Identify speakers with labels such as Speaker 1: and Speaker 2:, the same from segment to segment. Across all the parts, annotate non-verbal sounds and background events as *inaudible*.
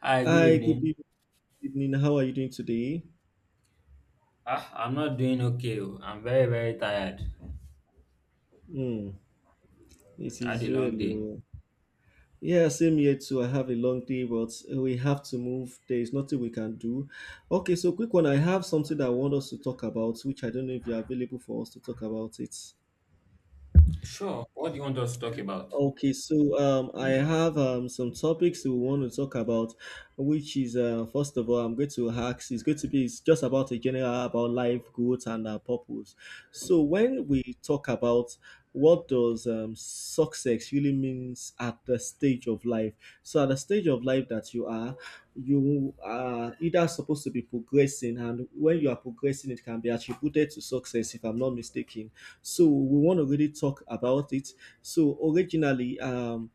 Speaker 1: Hi, good
Speaker 2: Hi,
Speaker 1: evening.
Speaker 2: evening. How are you doing today?
Speaker 1: I'm not doing okay. Oh. I'm very, very tired.
Speaker 2: Mm, it
Speaker 1: I had a
Speaker 2: is
Speaker 1: long day.
Speaker 2: well. Yeah, same here too. I have a long day, but we have to move. There is nothing we can do. Okay, so quick one. I have something that I want us to talk about, which I don't know if you're available for us to talk about it.
Speaker 1: Sure. What do you want us to talk about?
Speaker 2: Okay, so I have some topics we want to talk about, which is first of all, I'm going to ask. It's going to be it's just about a general about life, growth, and purpose. So when we talk about what does success really means at the stage of life, so at the stage of life that you are either supposed to be progressing, and when you are progressing, it can be attributed to success, if I'm not mistaken. So we want to really talk about it so originally,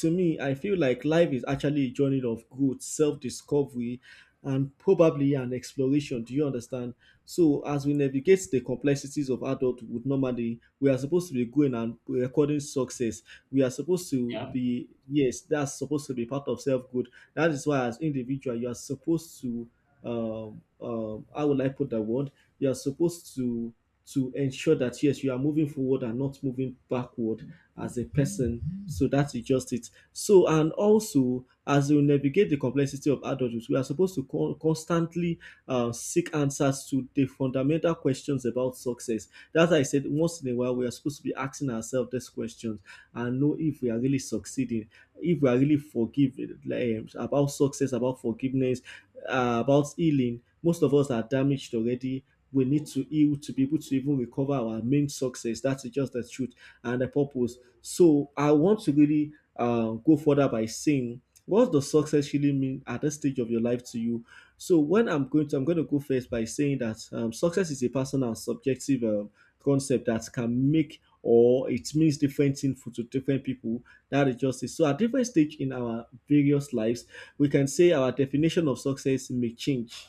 Speaker 2: to me, I feel like life is actually a journey of growth, self-discovery, and probably an exploration. Do you understand? So as we navigate the complexities of adulthood, normally we are supposed to be going and recording success. We are supposed to
Speaker 1: Yeah.
Speaker 2: be yes, that's supposed to be part of self-good. That is why as individual, you are supposed to how would I put the word? You are supposed to ensure that yes, you are moving forward and not moving backward as a person. So that is just it. So, and also, as we navigate the complexity of adulthood, we are supposed to constantly seek answers to the fundamental questions about success. That's why I said once in a while, we are supposed to be asking ourselves these questions and know if we are really succeeding, if we are really forgiving about success, about forgiveness, about healing. Most of us are damaged already. We need to heal to be able to even recover our main success. That's just the truth and the purpose. So I want to really go further by saying, what does success really mean at this stage of your life to you? So when I'm going to go first by saying that success is a personal, and subjective concept that can make or it means different things to different people. That is just it. So at different stage in our various lives, we can say our definition of success may change.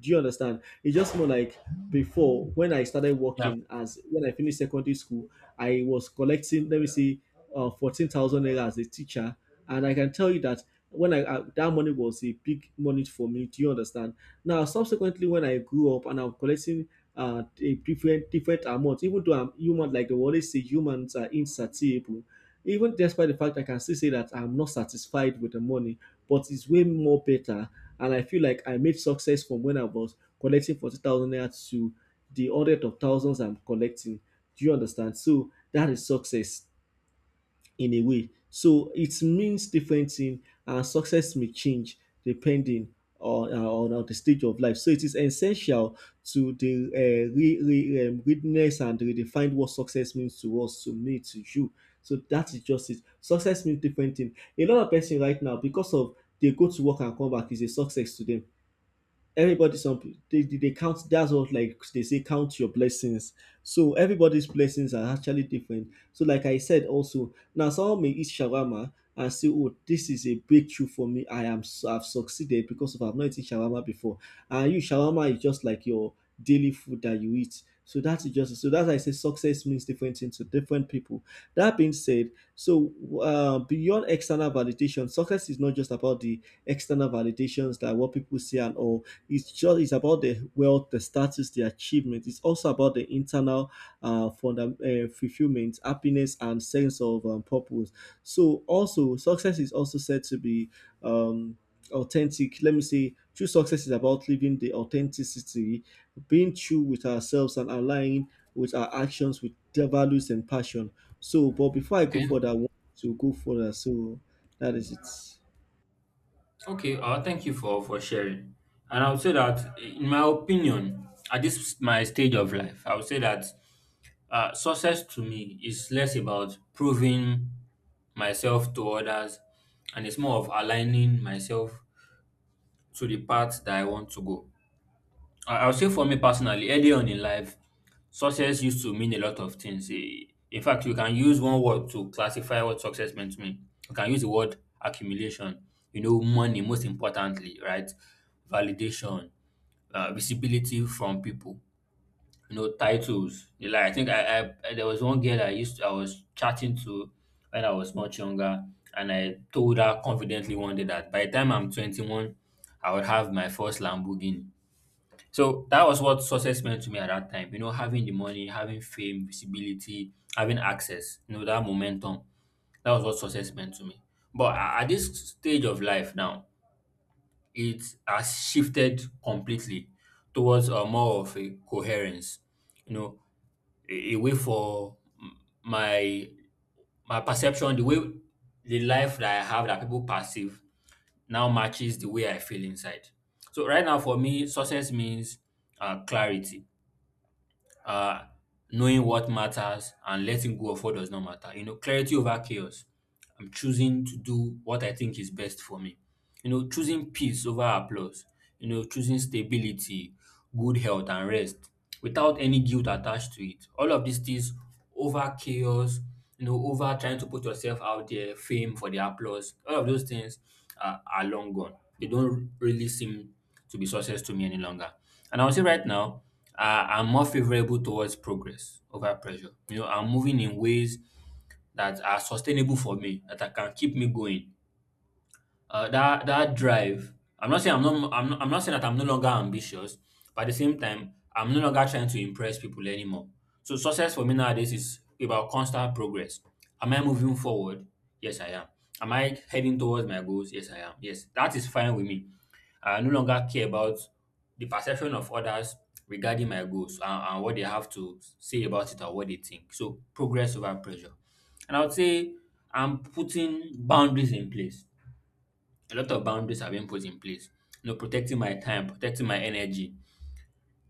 Speaker 2: Do you understand? It's just more like before when I started
Speaker 1: Yeah.
Speaker 2: working as when I finished secondary school, I was collecting, let me see, 14,000 naira as a teacher. And I can tell you that when I that money was a big money for me. Do you understand? Now, subsequently, when I grew up and I'm collecting a different amount, even though I'm human, like they always say, humans are insatiable. Even despite the fact I can still say that I'm not satisfied with the money, but it's way more better. And I feel like I made success from when I was collecting 40,000 naira to the hundred of thousands I'm collecting. Do you understand? So that is success in a way. So it means different thing, and success may change depending on, on the stage of life. So it is essential to the witness and redefine what success means to us, to me, to you. So that is just it. Success means different thing. A lot of person right now, because of they go to work and come back, is a success to them. Everybody, they, they count. That's what, like they say, count your blessings. So everybody's blessings are actually different. So like I said, also now someone may eat shawarma and say, oh, this is a breakthrough for me. I've succeeded because of I've not eaten shawarma before. And you shawarma is just like your daily food that you eat. So that's just, so that's why I say success means different things to different people. That being said, so beyond external validation, success is not just about the external validations, that what people see and all. It's just, it's about the wealth, the status, the achievement. It's also about the internal fulfillment, happiness, and sense of purpose. So also success is also said to be um, authentic. Let me say true success is about living the authenticity, being true with ourselves, and aligning with our actions with their values and passion. So, but before I go
Speaker 1: Okay.
Speaker 2: further, I want to go further. So that is it.
Speaker 1: Okay. Thank you for sharing. And I would say that, in my opinion, at this my stage of life, I would say that success to me is less about proving myself to others, and it's more of aligning myself to the path that I want to go. I would say for me personally, early on in life, success used to mean a lot of things. In fact, you can use one word to classify what success meant to me. You can use the word accumulation, you know, money, most importantly, right? Validation, visibility from people, you know, titles. You Like, I think I- There was one girl I used to, I was chatting to when I was much younger, and I told her confidently one day that by the time I'm 21, I would have my first Lamborghini. So that was what success meant to me at that time. You know, having the money, having fame, visibility, having access, you know, that momentum. That was what success meant to me. But at this stage of life now, it has shifted completely towards a more of a coherence, you know, a way for my my perception, the way the life that I have that people perceive now matches the way I feel inside. So right now for me, success means clarity, uh, knowing what matters and letting go of what does not matter. You know, clarity over chaos. I'm choosing to do what I think is best for me. You know, choosing peace over applause, you know, choosing stability, good health and rest without any guilt attached to it. All of these things over chaos, you know, over trying to put yourself out there, fame for the applause, all of those things are long gone. They don't really seem to be success to me any longer. And I would say right now, I'm more favorable towards progress over pressure. You know, I'm moving in ways that are sustainable for me, that I can keep me going, that that drive. I'm not saying that I'm no longer ambitious, but at the same time, I'm no longer trying to impress people anymore. So success for me nowadays is about constant progress. Am I moving forward? Yes, I am. Am I heading towards my goals? Yes, I am. Yes, that is fine with me. I no longer care about the perception of others regarding my goals, and what they have to say about it or what they think. So progress over pressure. And I would say I'm putting boundaries in place. A lot of boundaries have been put in place. You know, protecting my time, protecting my energy,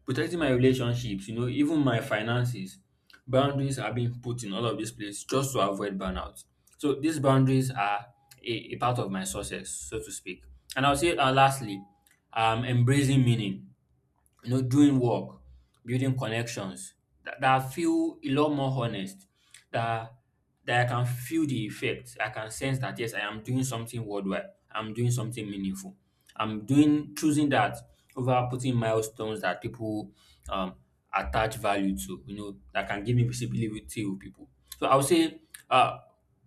Speaker 1: protecting my relationships, you know, even my finances. Boundaries are being put in all of these places just to avoid burnout. So these boundaries are a part of my success, so to speak. And I'll say lastly, embracing meaning, you know, doing work, building connections that I feel a lot more honest, that that I can feel the effect. I can sense that yes, I am doing something worldwide. I'm doing something meaningful. I'm doing choosing that over putting milestones that people um attach value to, you know, that can give me visibility with people. So I would say uh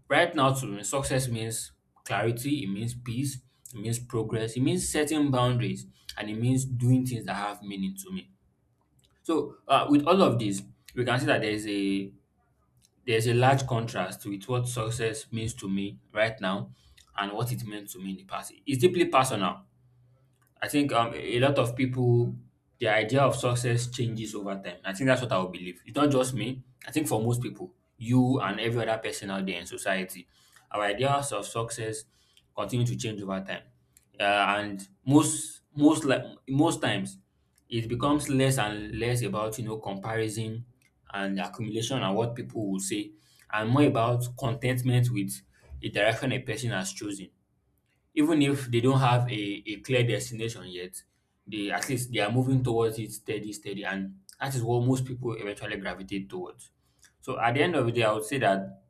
Speaker 1: right now, to me, success means clarity, it means peace, it means progress, it means setting boundaries, and it means doing things that have meaning to me. So, with all of this, we can see that there's a large contrast with what success means to me right now and what it meant to me in the past. It's deeply personal. I think a lot of people, the idea of success changes over time. I think that's what I would believe. It's not just me. I think for most people, you and every other person out there in society, our ideas of success continue to change over time. Uh, and most times, it becomes less and less about, you know, comparison and accumulation and what people will say, and more about contentment with the direction a person has chosen. Even if they don't have a clear destination yet, they at least they are moving towards it steady, steady, and that is what most people eventually gravitate towards. So at the end of the day, I would say that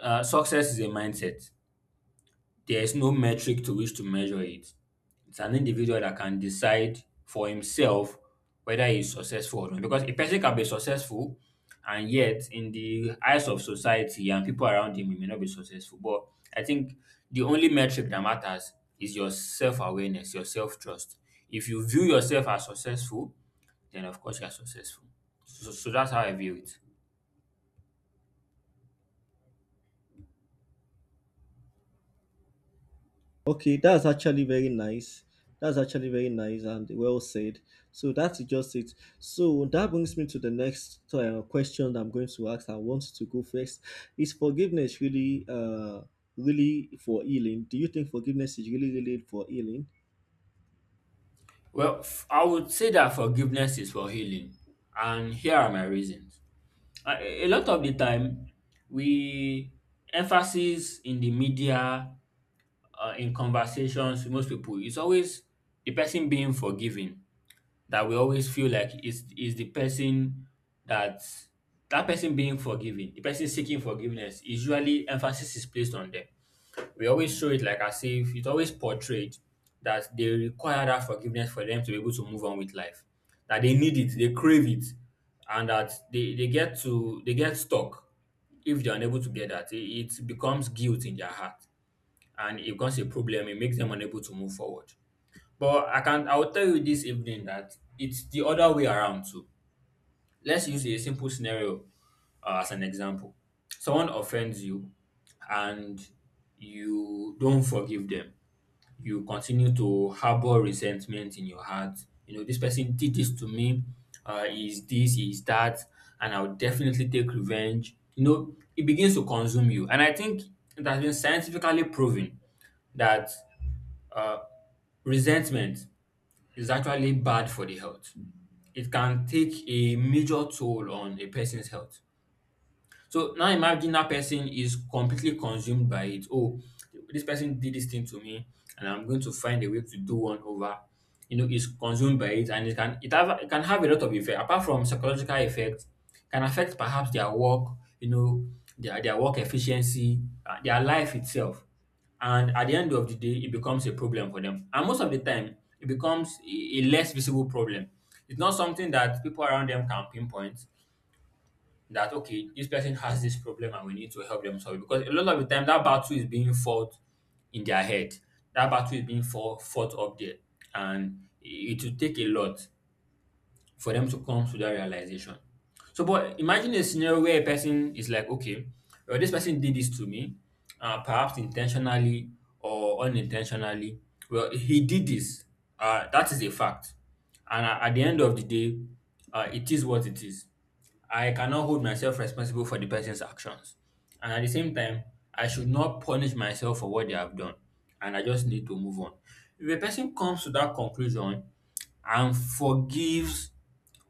Speaker 1: success is a mindset. There is no metric to which to measure it. It's an individual that can decide for himself whether he's successful or not. Because a person can be successful and yet in the eyes of society and people around him, he may not be successful. But I think the only metric that matters is your self-awareness, your self-trust. If you view yourself as successful, then of course you are successful. So, so that's how I view it.
Speaker 2: Okay, that's actually very nice. That's actually very nice and well said. So that's just it. So that brings me to the next question I'm going to ask. I want to go first. Is forgiveness really, really for healing? Do you think forgiveness is really, really for healing?
Speaker 1: Well, I would say that forgiveness is for healing. And here are my reasons. A lot of the time we emphasis in the media, in conversations with most people, it's always the person being forgiven that we always feel like is the person that that person being forgiven, the person seeking forgiveness, usually emphasis is placed on them. We always show it like as if it's always portrayed that they require that forgiveness for them to be able to move on with life, that they need it, they crave it, and that they get to they get stuck. If they're unable to get that, it becomes guilt in their heart and it becomes a problem. It makes them unable to move forward. But I can I will tell you this evening that it's the other way around too. Let's use a simple scenario, as an example. Someone offends you and you don't forgive them, you continue to harbor resentment in your heart. You know, this person did this to me, he is this, he is that, and I'll definitely take revenge. You know, it begins to consume you. And I think it has been scientifically proven that uh, resentment is actually bad for the health. It can take a major toll on a person's health. So now imagine that person is completely consumed by it. Oh, this person did this thing to me, and I'm going to find a way to do one over. You know, is consumed by it, and it can have a lot of effect apart from psychological effect. Can affect perhaps their work. You know, their work efficiency, their life itself, and at the end of the day it becomes a problem for them, and most of the time it becomes a less visible problem. It's not something that people around them can pinpoint, that okay, this person has this problem and we need to help them solve it. Because a lot of the time that battle is being fought in their head. That battle is being fought, fought up there. And it will take a lot for them to come to that realization. So, but imagine a scenario where a person is like, okay, well, this person did this to me, perhaps intentionally or unintentionally. Well, he did this. That is a fact. And at the end of the day, it is what it is. I cannot hold myself responsible for the person's actions. And at the same time, I should not punish myself for what they have done. And I just need to move on. If a person comes to that conclusion and forgives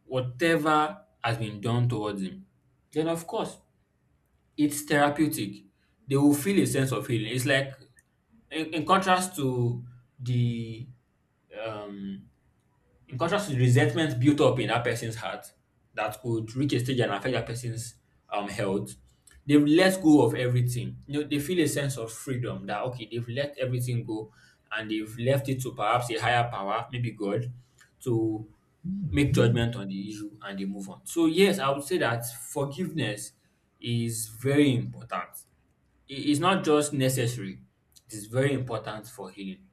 Speaker 1: whatever has been done towards him, then of course it's therapeutic. They will feel a sense of healing. It's like in contrast to the um unconscious resentment built up in that person's heart that could reach a stage and affect that person's health. They've let go of everything. You know, they feel a sense of freedom that okay, they've let everything go, and they've left it to perhaps a higher power, maybe God, to make judgment on the issue and they move on. So yes, I would say that forgiveness is very important. It's not just necessary, it is very important for healing.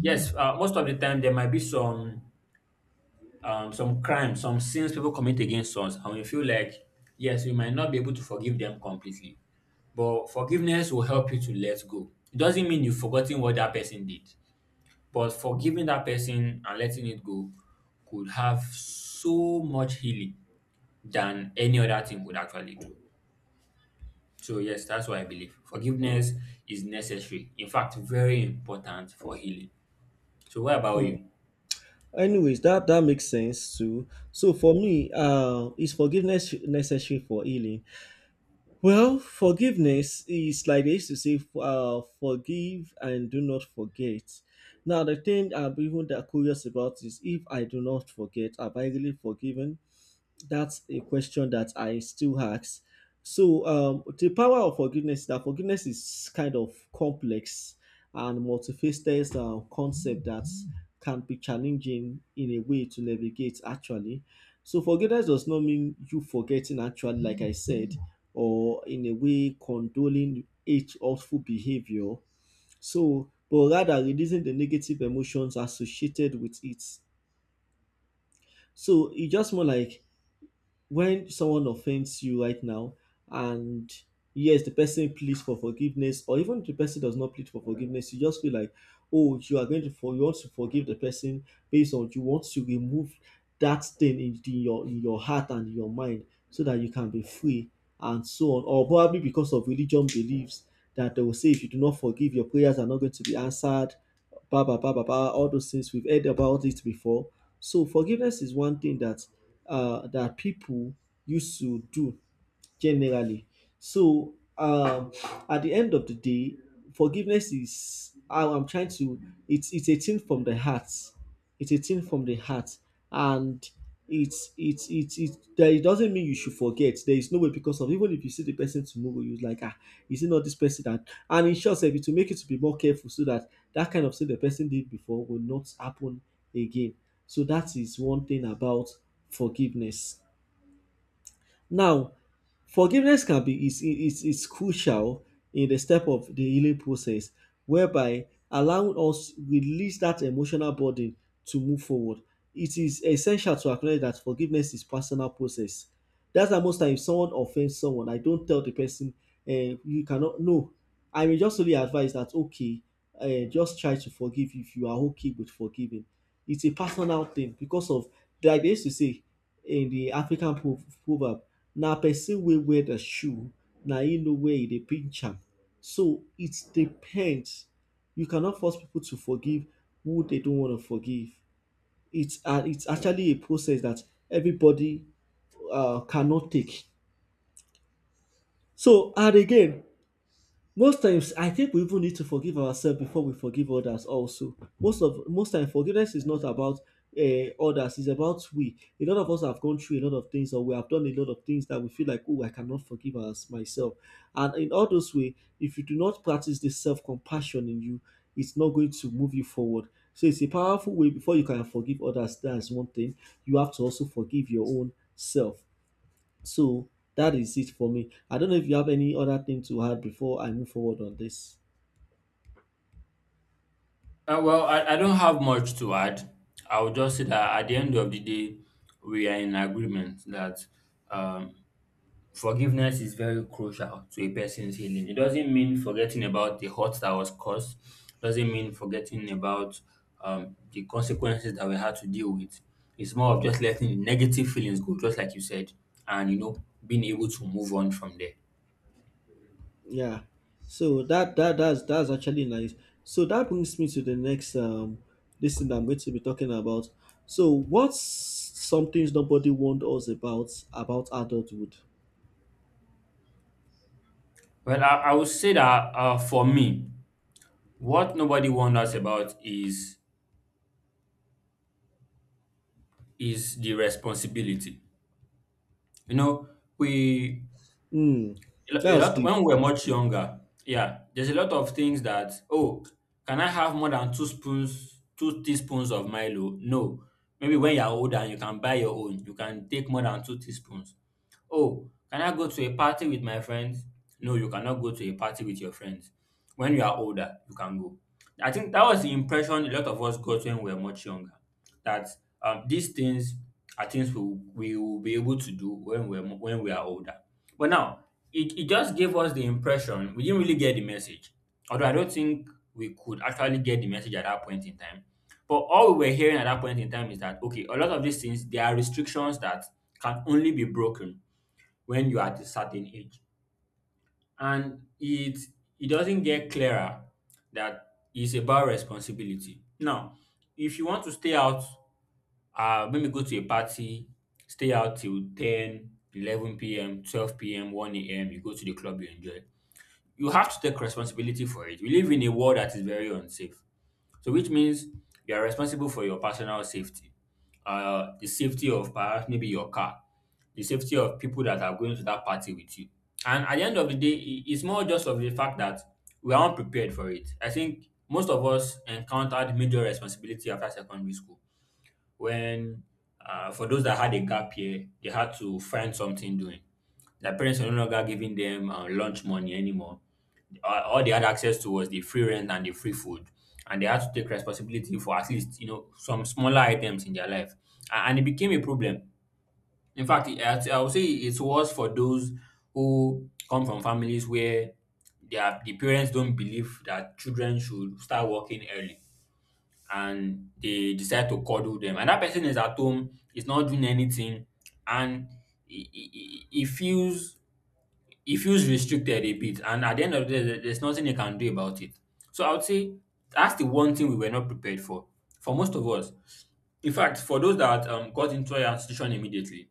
Speaker 1: Yes, most of the time there might be some crimes, some sins people commit against us, and we feel like, yes, we might not be able to forgive them completely. But forgiveness will help you to let go. It doesn't mean you've forgotten what that person did, but forgiving that person and letting it go could have so much healing than any other thing would actually do. So, yes, that's what I believe. Forgiveness is necessary. In fact, very important for healing. So, what about
Speaker 2: Mm.
Speaker 1: you?
Speaker 2: Anyways, that that makes sense too. So for me, is forgiveness necessary for healing? Well, forgiveness is like they used to say, forgive and do not forget. Now, the thing I'm even that curious about is if I do not forget, am I really forgiven? That's a question that I still ask. So, the power of forgiveness, that forgiveness is kind of complex and multifaceted concept that can be challenging in a way to navigate actually. So, forgiveness does not mean you forgetting actually, like I said, or in a way condoling each awful behavior. So, but rather releasing the negative emotions associated with it. So, it's just more like when someone offends you right now and yes, the person pleads for forgiveness or even the person does not plead for forgiveness, you just feel like oh, you are going to, for you want to forgive the person, based on you want to remove that thing in, your in your heart and your mind so that you can be free and so on, or probably because of religion beliefs that they will say if you do not forgive your prayers are not going to be answered. Ba ba ba ba ba. All those things we've heard about it before. So forgiveness is one thing that that people used to do generally. So at the end of the day, forgiveness is how I'm trying to. It's a thing from the heart. It's a thing from the heart, and it's it. That it doesn't mean you should forget. There is no way, because of even if you see the person tomorrow, you're like ah, is it not this person that? And in short, sef, it will make you to be more careful so that that kind of thing the person did before will not happen again. So that is one thing about forgiveness. Now, forgiveness can be is crucial in the step of the healing process, whereby allowing us release that emotional burden to move forward. It is essential to acknowledge that forgiveness is personal process. That's why most times someone offends someone, I don't tell the person, eh, you cannot no. I may just only advise that okay, eh, just try to forgive if you are okay with forgiving. It's a personal thing because of like they used to say in the African proverb, Na person wey wear the shoe na im know where e dey pinch am. So it depends. You cannot force people to forgive who they don't want to forgive. It's, and it's actually a process that everybody cannot take. So and again, most times, I think we even need to forgive ourselves before we forgive others. Also, most of most time, forgiveness is not about others; it's about we. A lot of us have gone through a lot of things, or we have done a lot of things that we feel like, oh, I cannot forgive us myself. And in all those way, if you do not practice this self compassion in you, it's not going to move you forward. So it's a powerful way. Before you can forgive others, that's one thing. You have to also forgive your own self. So that is it for me. I don't know if you have any other thing to add before I move forward on this.
Speaker 1: Well, I don't have much to add. I would just say that at the end of the day, we are in agreement that um, forgiveness is very crucial to a person's healing. It doesn't mean forgetting about the hurt that was caused, doesn't mean forgetting about the consequences that we had to deal with. It's more of just letting the negative feelings go, just like you said, and being able to move on from there.
Speaker 2: Yeah. So that's actually nice. So that brings me to the next this thing that I'm going to be talking about. So what's some things nobody warned us about adulthood?
Speaker 1: Well, I would say that for me, what nobody wonders about is the responsibility. You know, we
Speaker 2: Hmm.
Speaker 1: a
Speaker 2: That's
Speaker 1: lot
Speaker 2: deep.
Speaker 1: when we were much younger, yeah, there's a lot of things that, oh, can I have more than two spoons, two teaspoons of Milo? No. Maybe when you're older and you can buy your own, you can take more than two teaspoons. Oh, can I go to a party with my friends? No, you cannot go to a party with your friends. When you are older, you can go. I think that was the impression a lot of us got when we were much younger. That these things are things we will be able to do when when we are older. But now it just gave us the impression we didn't really get the message. Although I don't think we could actually get the message at that point in time. But all we were hearing at that point in time is that okay, a lot of these things there are restrictions that can only be broken when you're at a certain age. And it doesn't get clearer that it's about responsibility. Now, if you want to stay out, maybe go to a party, stay out till 10, 11 p.m., 12 p.m., 1 a.m., you go to the club, you enjoy. You have to take responsibility for it. We live in a world that is very unsafe. So, which means you are responsible for your personal safety, the safety of perhaps maybe your car, the safety of people that are going to that party with you. And at the end of the day, it's more just of the fact that we are not prepared for it. I think most of us encountered major responsibility after secondary school when, for those that had a gap year, they had to find something doing. Their parents were no longer giving them lunch money anymore. All they had access to was the free rent and the free food, and they had to take responsibility for at least some smaller items in their life. And it became a problem. In fact, I would say it's worse for those who come from families where the parents don't believe that children should start working early, and they decide to coddle them. And that person is at home, is not doing anything, and he, he, he he feels he feels restricted a bit. And at the end of the day, there's nothing he can do about it. So I would say that's the one thing we were not prepared for. For most of us, in fact, for those that got into our institution immediately,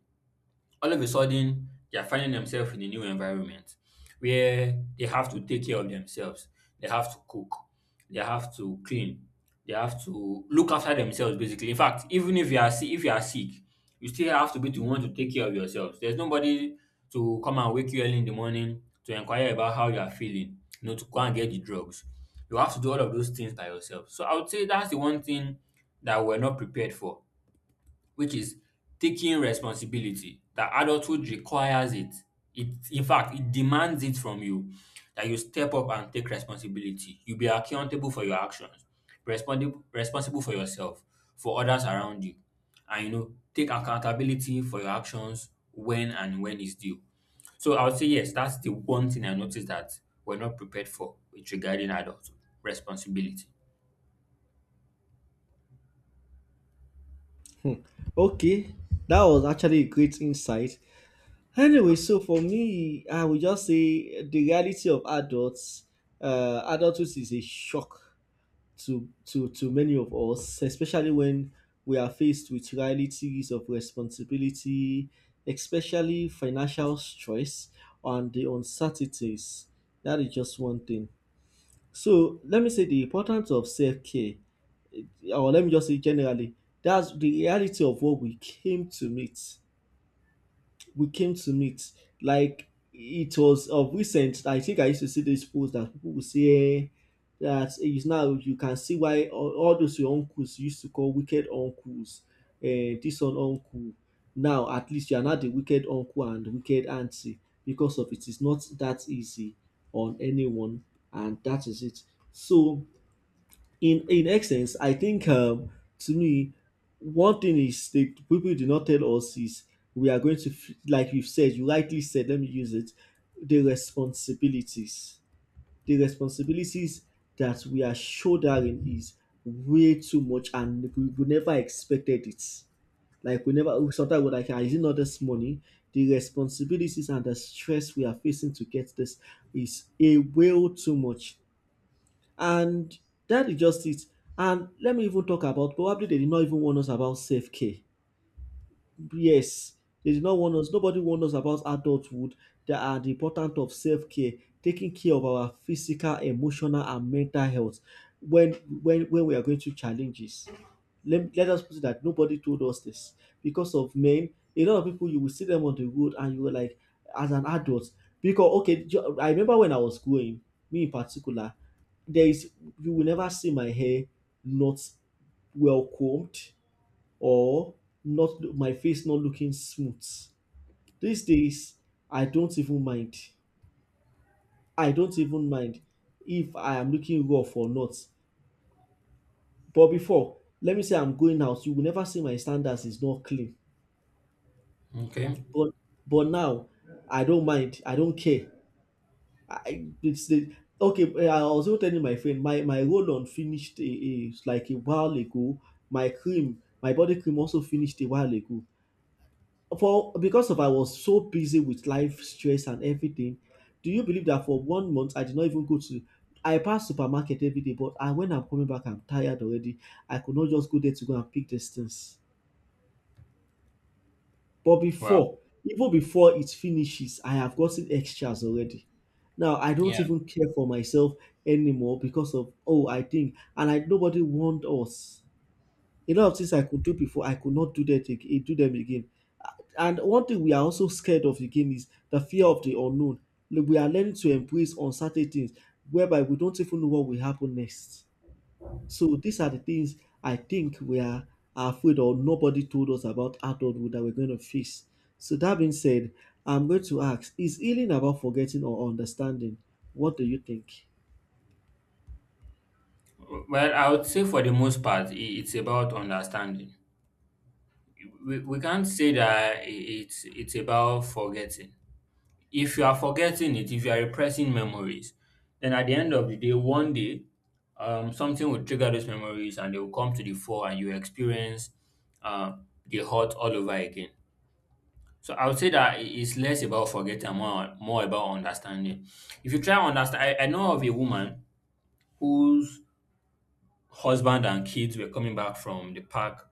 Speaker 1: all of a sudden they are finding themselves in a new environment where they have to take care of themselves. They have to cook, they have to clean, they have to look after themselves basically. In fact, even if you are sick you still have to be the one to take care of yourself. There's nobody to come and wake you early in the morning to inquire about how you are feeling, to go and get the drugs. You have to do all of those things by yourself. So I would say that's the one thing that we're not prepared for, which is taking responsibility. That adulthood requires it. In fact, it demands it from you, that you step up and take responsibility, you be accountable for your actions, responsible for yourself, for others around you, and take accountability for your actions when and when is due. So I would say yes, that's the one thing I noticed that we're not prepared for with regarding adulthood: responsibility.
Speaker 2: Hmm. Okay. That was actually a great insight. Anyway, so for me, I would just say the reality of adulthood is a shock to to many of us, especially when we are faced with realities of responsibility, especially financial stress and the uncertainties. That is just one thing. So let me say the importance of self-care, or let me just say generally, that's the reality of what we came to meet. Like it was of recent. I think I used to see this post that people would say eh, that is now you can see why all those your uncles you used to call wicked uncles, this one uncle. Now at least you are not the wicked uncle and wicked auntie because of it is not that easy on anyone, and that is it. So in essence, I think to me, one thing is the people do not tell us is we are going to like you've said, you rightly said. Let me use it. The responsibilities, the responsibilities that we are shouldering is way too much, and we never expected it. Like we never sometimes we're like, "Ah, is it not this money? The responsibilities and the stress we are facing to get this is a way too much and that is just it. And let me even talk about probably they did not even warn us about self care, yes, they did not warn us, nobody warned us about adulthood, that are the importance of self-care, taking care of our physical emotional and mental health when when we are going through challenges. Let us put it that nobody told us this because of men. A lot of people you will see them on the road and you were like as an adult because okay I remember when I was growing, me in particular, there is you will never see my hair not well combed or not my face not looking smooth. These days, I don't even mind. I don't even mind if I am looking rough or not. But before, let me say I'm going out, you will never see my standards is not clean.
Speaker 1: Okay.
Speaker 2: But but now, I don't mind. I don't care. I it's the okay. I was also telling my friend my roll on finished a like a while ago. My cream, my body cream also finished a while ago. For because of I was so busy with life stress and everything, do you believe that for one month I did not even go to I pass supermarket every day, but I when I'm coming back, I'm tired already. I could not just go there to go and pick these things. But
Speaker 1: Well.
Speaker 2: before, even before it finishes, I have gotten extras already. Now I don't
Speaker 1: Yeah.
Speaker 2: even care for myself anymore because of oh I think and I nobody warned us. A lot of things I could do before I could not do that again, do them again. And one thing we are also scared of again is the fear of the unknown. Like, we are learning to embrace uncertain things whereby we don't even know what will happen next. So these are the things I think we are afraid or nobody told us about adulthood that we're going to face. So that being said, I'm going to ask, is healing about forgetting or understanding? What do you think?
Speaker 1: Well, I would say for the most part, it's about understanding. We can't say that it's about forgetting. If you are forgetting it, if you are repressing memories, then at the end of the day, one day, something will trigger those memories and they will come to the fore, and you experience uh, the hurt all over again. So I would say that it's less about forgetting, and more about understanding. If you try to understand, I know of a woman whose husband and kids were coming back from the park,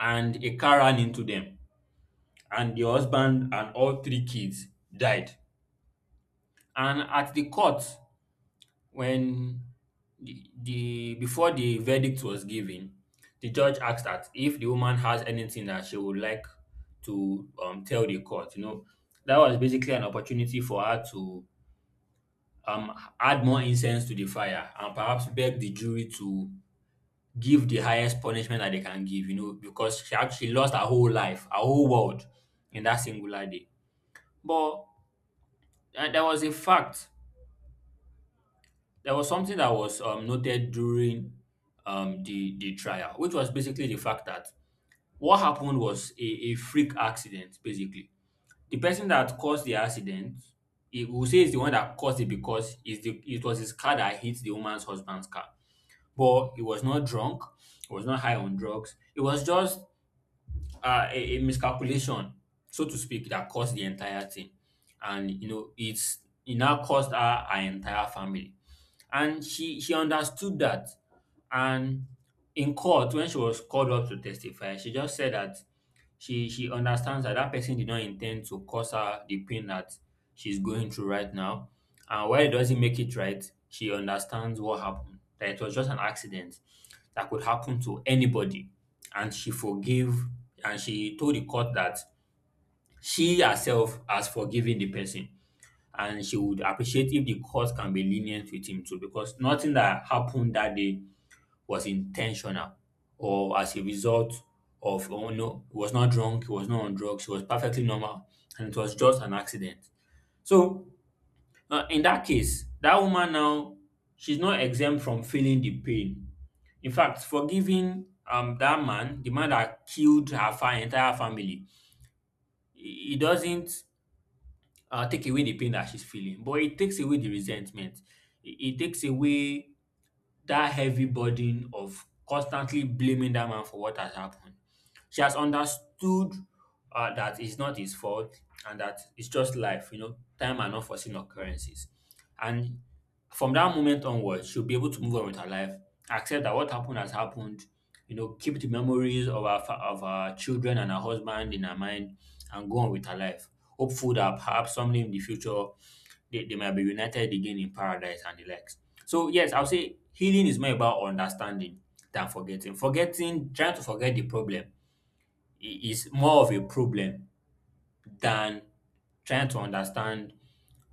Speaker 1: and a car ran into them, and the husband and all three kids died. And at the court, when the before the verdict was given, the judge asked that if the woman has anything that she would like to tell the court. That was basically an opportunity for her to um, add more incense to the fire and perhaps beg the jury to give the highest punishment that they can give, because she actually lost her whole life, her whole world, in that singular day. But there was a fact, there was something that was noted during the trial, which was basically the fact that what happened was a freak accident, basically. The person that caused the accident, he will say is the one that caused it because it was his car that hit the woman's husband's car. But he was not drunk, he was not high on drugs. It was just a miscalculation, so to speak, that caused the entire thing. And, it now caused her, her entire family. And she understood that. And in court, when she was called up to testify, she just said that she understands that that person did not intend to cause her the pain that she's going through right now. And while it doesn't make it right, she understands what happened. That it was just an accident that could happen to anybody. And she forgave, and she told the court that she herself has forgiven the person, and she would appreciate if the court can be lenient with him too, because nothing that happened that day was intentional or as a result of, oh no, he was not drunk, he was not on drugs, he was perfectly normal, and it was just an accident. So in that case, that woman now, she's not exempt from feeling the pain. In fact, forgiving that man, the man that killed her entire family, he doesn't take away the pain that she's feeling. But it takes away the resentment. It, it takes away that heavy burden of constantly blaming that man for what has happened. She has understood that it's not his fault, and that it's just life, time and unforeseen occurrences. And from that moment onwards, she'll be able to move on with her life, accept that what happened, has happened, keep the memories of of our children and her husband in her mind, and go on with her life. Hopeful that perhaps someday in the future, they might be united again in paradise and the likes. So, yes, I'll say healing is more about understanding than forgetting. Forgetting, trying to forget the problem is more of a problem than trying to understand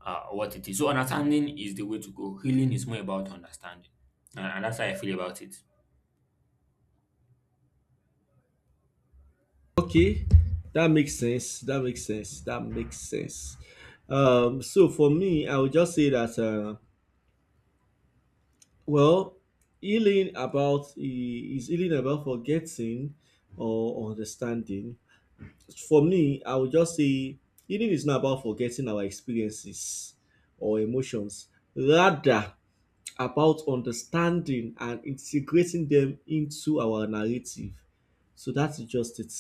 Speaker 1: what it is. So, understanding is the way to go. Healing is more about understanding. And that's how I feel about it.
Speaker 2: Okay, that makes sense. That makes sense. That makes sense. So for me, I would just say that well, healing about is healing about forgetting or understanding. For me, I would just say healing is not about forgetting our experiences or emotions. Rather, about understanding and integrating them into our narrative. So that's just it.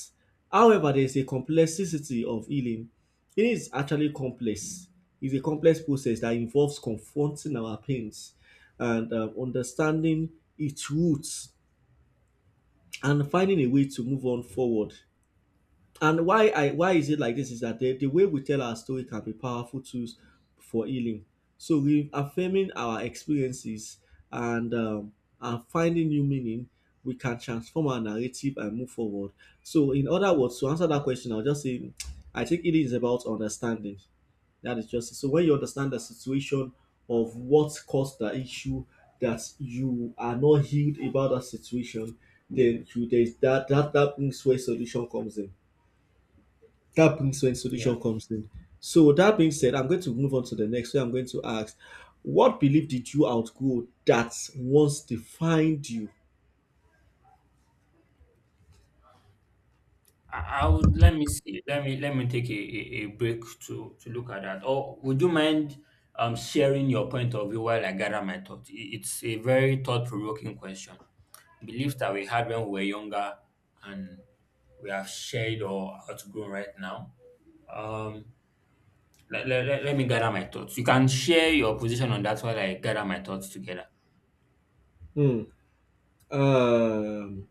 Speaker 2: However, there is a complexity of healing. Healing is actually complex. It's a complex process that involves confronting our pains and understanding its roots and finding a way to move on forward. And why is it like this is that the way we tell our story can be powerful tools for healing. So we affirming our experiences and um, and finding new meaning, we can transform our narrative and move forward. So in other words, to answer that question, I'll just say *tsk* I think healing is about understanding. That is just it. So when you understand the situation of what caused the issue that you are not healed about that situation, then you there is that brings where solution comes in, that brings when
Speaker 1: Yeah.
Speaker 2: solution comes in. So with that being said, I'm going to move on to the next where I'm going to ask, what belief did you outgrow that once defined you?
Speaker 1: I would Let me see. Let me take a break to look at that. Or would you mind sharing your point of view while I gather my thoughts? It's a very thought-provoking question. Beliefs that we had when we were younger and we have shared or outgrown right now. Um, let me gather my thoughts. You can share your position on that while I gather my thoughts together.
Speaker 2: Hmm. Um,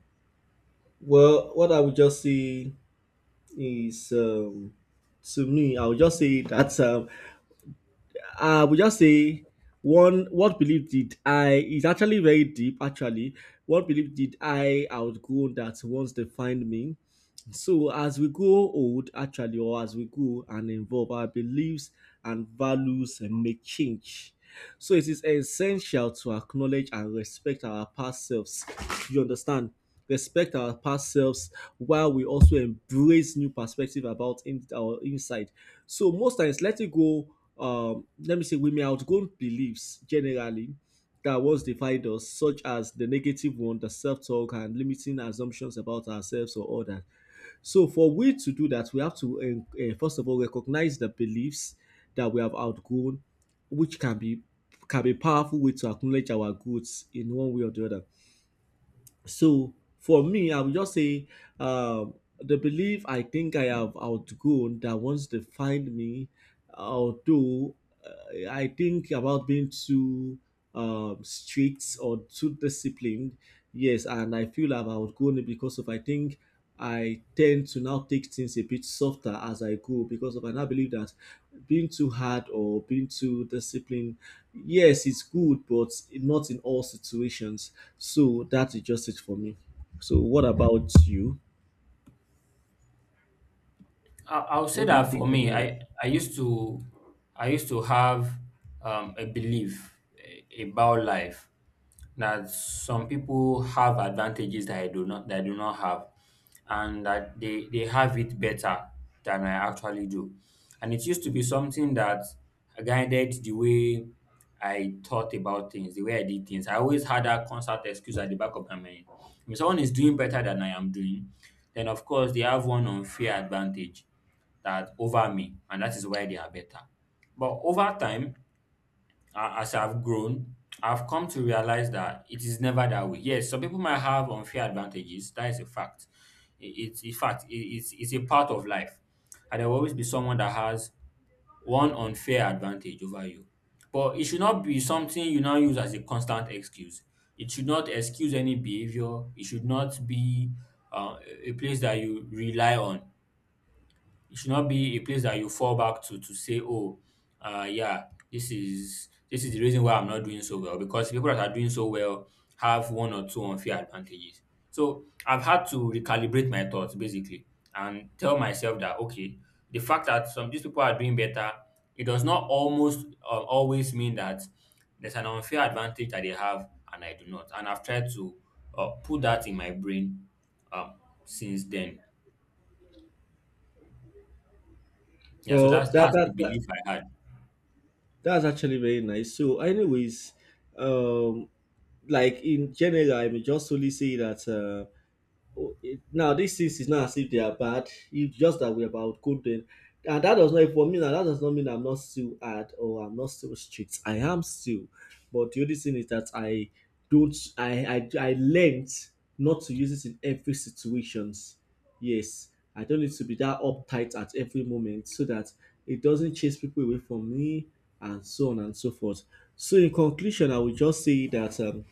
Speaker 2: well, what I would just say is, to me, I would just say that I would just say one. What belief did I? Is actually very deep. Actually, what belief did I outgrow that once defined me? So as we grow old, actually, or as we grow and evolve, our beliefs and values may change. So it is essential to acknowledge and respect our past selves. You understand? Respect our past selves while we also embrace new perspective about in, our inside. So most times, letting go. Let me say, we may outgrow beliefs generally that once defined us, such as the negative one, the self-talk, and limiting assumptions about ourselves or others. So for we to do that, we have to first of all recognize the beliefs that we have outgrown, which can be powerful way to acknowledge our goods in one way or the other. So for me I would just say um the belief I think I have outgrown that once they find me, although, I think about being too strict or too disciplined, yes, and I feel I've outgrown it because of I think I tend to now take things a bit softer as I go because of I now believe that being too hard or being too disciplined, yes, it's good, but not in all situations. So that is just it for me. So what about you?
Speaker 1: I'll say
Speaker 2: What do you
Speaker 1: that for
Speaker 2: think
Speaker 1: me,
Speaker 2: about it?
Speaker 1: I used to have a belief about life that some people have advantages that I do not have, and that they have it better than I actually do. And it used to be something that guided the way I thought about things, the way I did things. I always had that constant excuse at the back of my mind. If someone is doing better than I am doing, then of course they have one unfair advantage that over me, and that is why they are better. But over time, as I've grown, I've come to realize that it is never that way. Yes, some people might have unfair advantages. That is a fact. It's a fact, it's a part of life. And there will always be someone that has one unfair advantage over you. But it should not be something you now use as a constant excuse. It should not excuse any behavior. It should not be uh, a place that you rely on. It should not be a place that you fall back to say, "Oh, yeah, this is the reason why I'm not doing so well." Because people that are doing so well have one or two unfair advantages. So I've had to recalibrate my thoughts basically and tell myself that okay, the fact that some these people are doing better, it does not almost always mean that there's an unfair advantage that they have and I do not. And I've tried to put that in my brain um, since then. Yeah, so
Speaker 2: Well,
Speaker 1: that's
Speaker 2: that
Speaker 1: that's the
Speaker 2: that, that
Speaker 1: belief I had.
Speaker 2: that's actually very nice. So, anyways, um, like in general, I may just only say that. Oh, it, now these things is not as if they are bad, it's just that we're about good then, and that does not for me now that does not mean I'm not still hard or I'm not still strict, I am still, but the only thing is that I don't I learned not to use it in every situations, yes, I don't need to be that uptight at every moment so that it doesn't chase people away from me and so on and so forth. So in conclusion I would just say that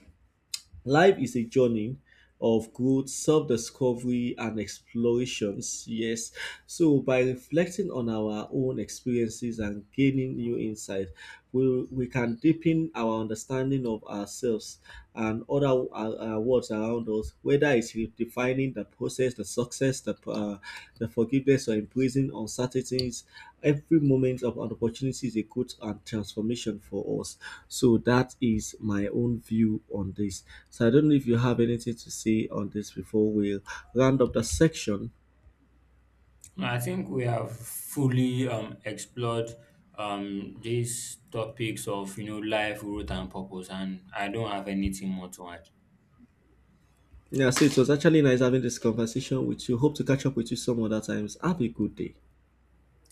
Speaker 2: life is a journey of growth, self discovery, and explorations. Yes. So, by reflecting on our own experiences and gaining new insight, we can deepen our understanding of ourselves and other worlds around us, whether it's redefining the process, the success, the forgiveness, or embracing uncertainties. Every moment of an opportunity is a growth and transformation for us. So that is my own view on this. So I don't know if you have anything to say on this before we round up the section.
Speaker 1: I think we have fully explored these topics of life, growth, and purpose, and I don't have anything more to add.
Speaker 2: Yeah, so it was actually nice having this conversation with you. Hope to catch up with you some other times. Have a good day.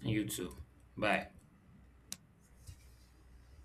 Speaker 1: You too. Bye.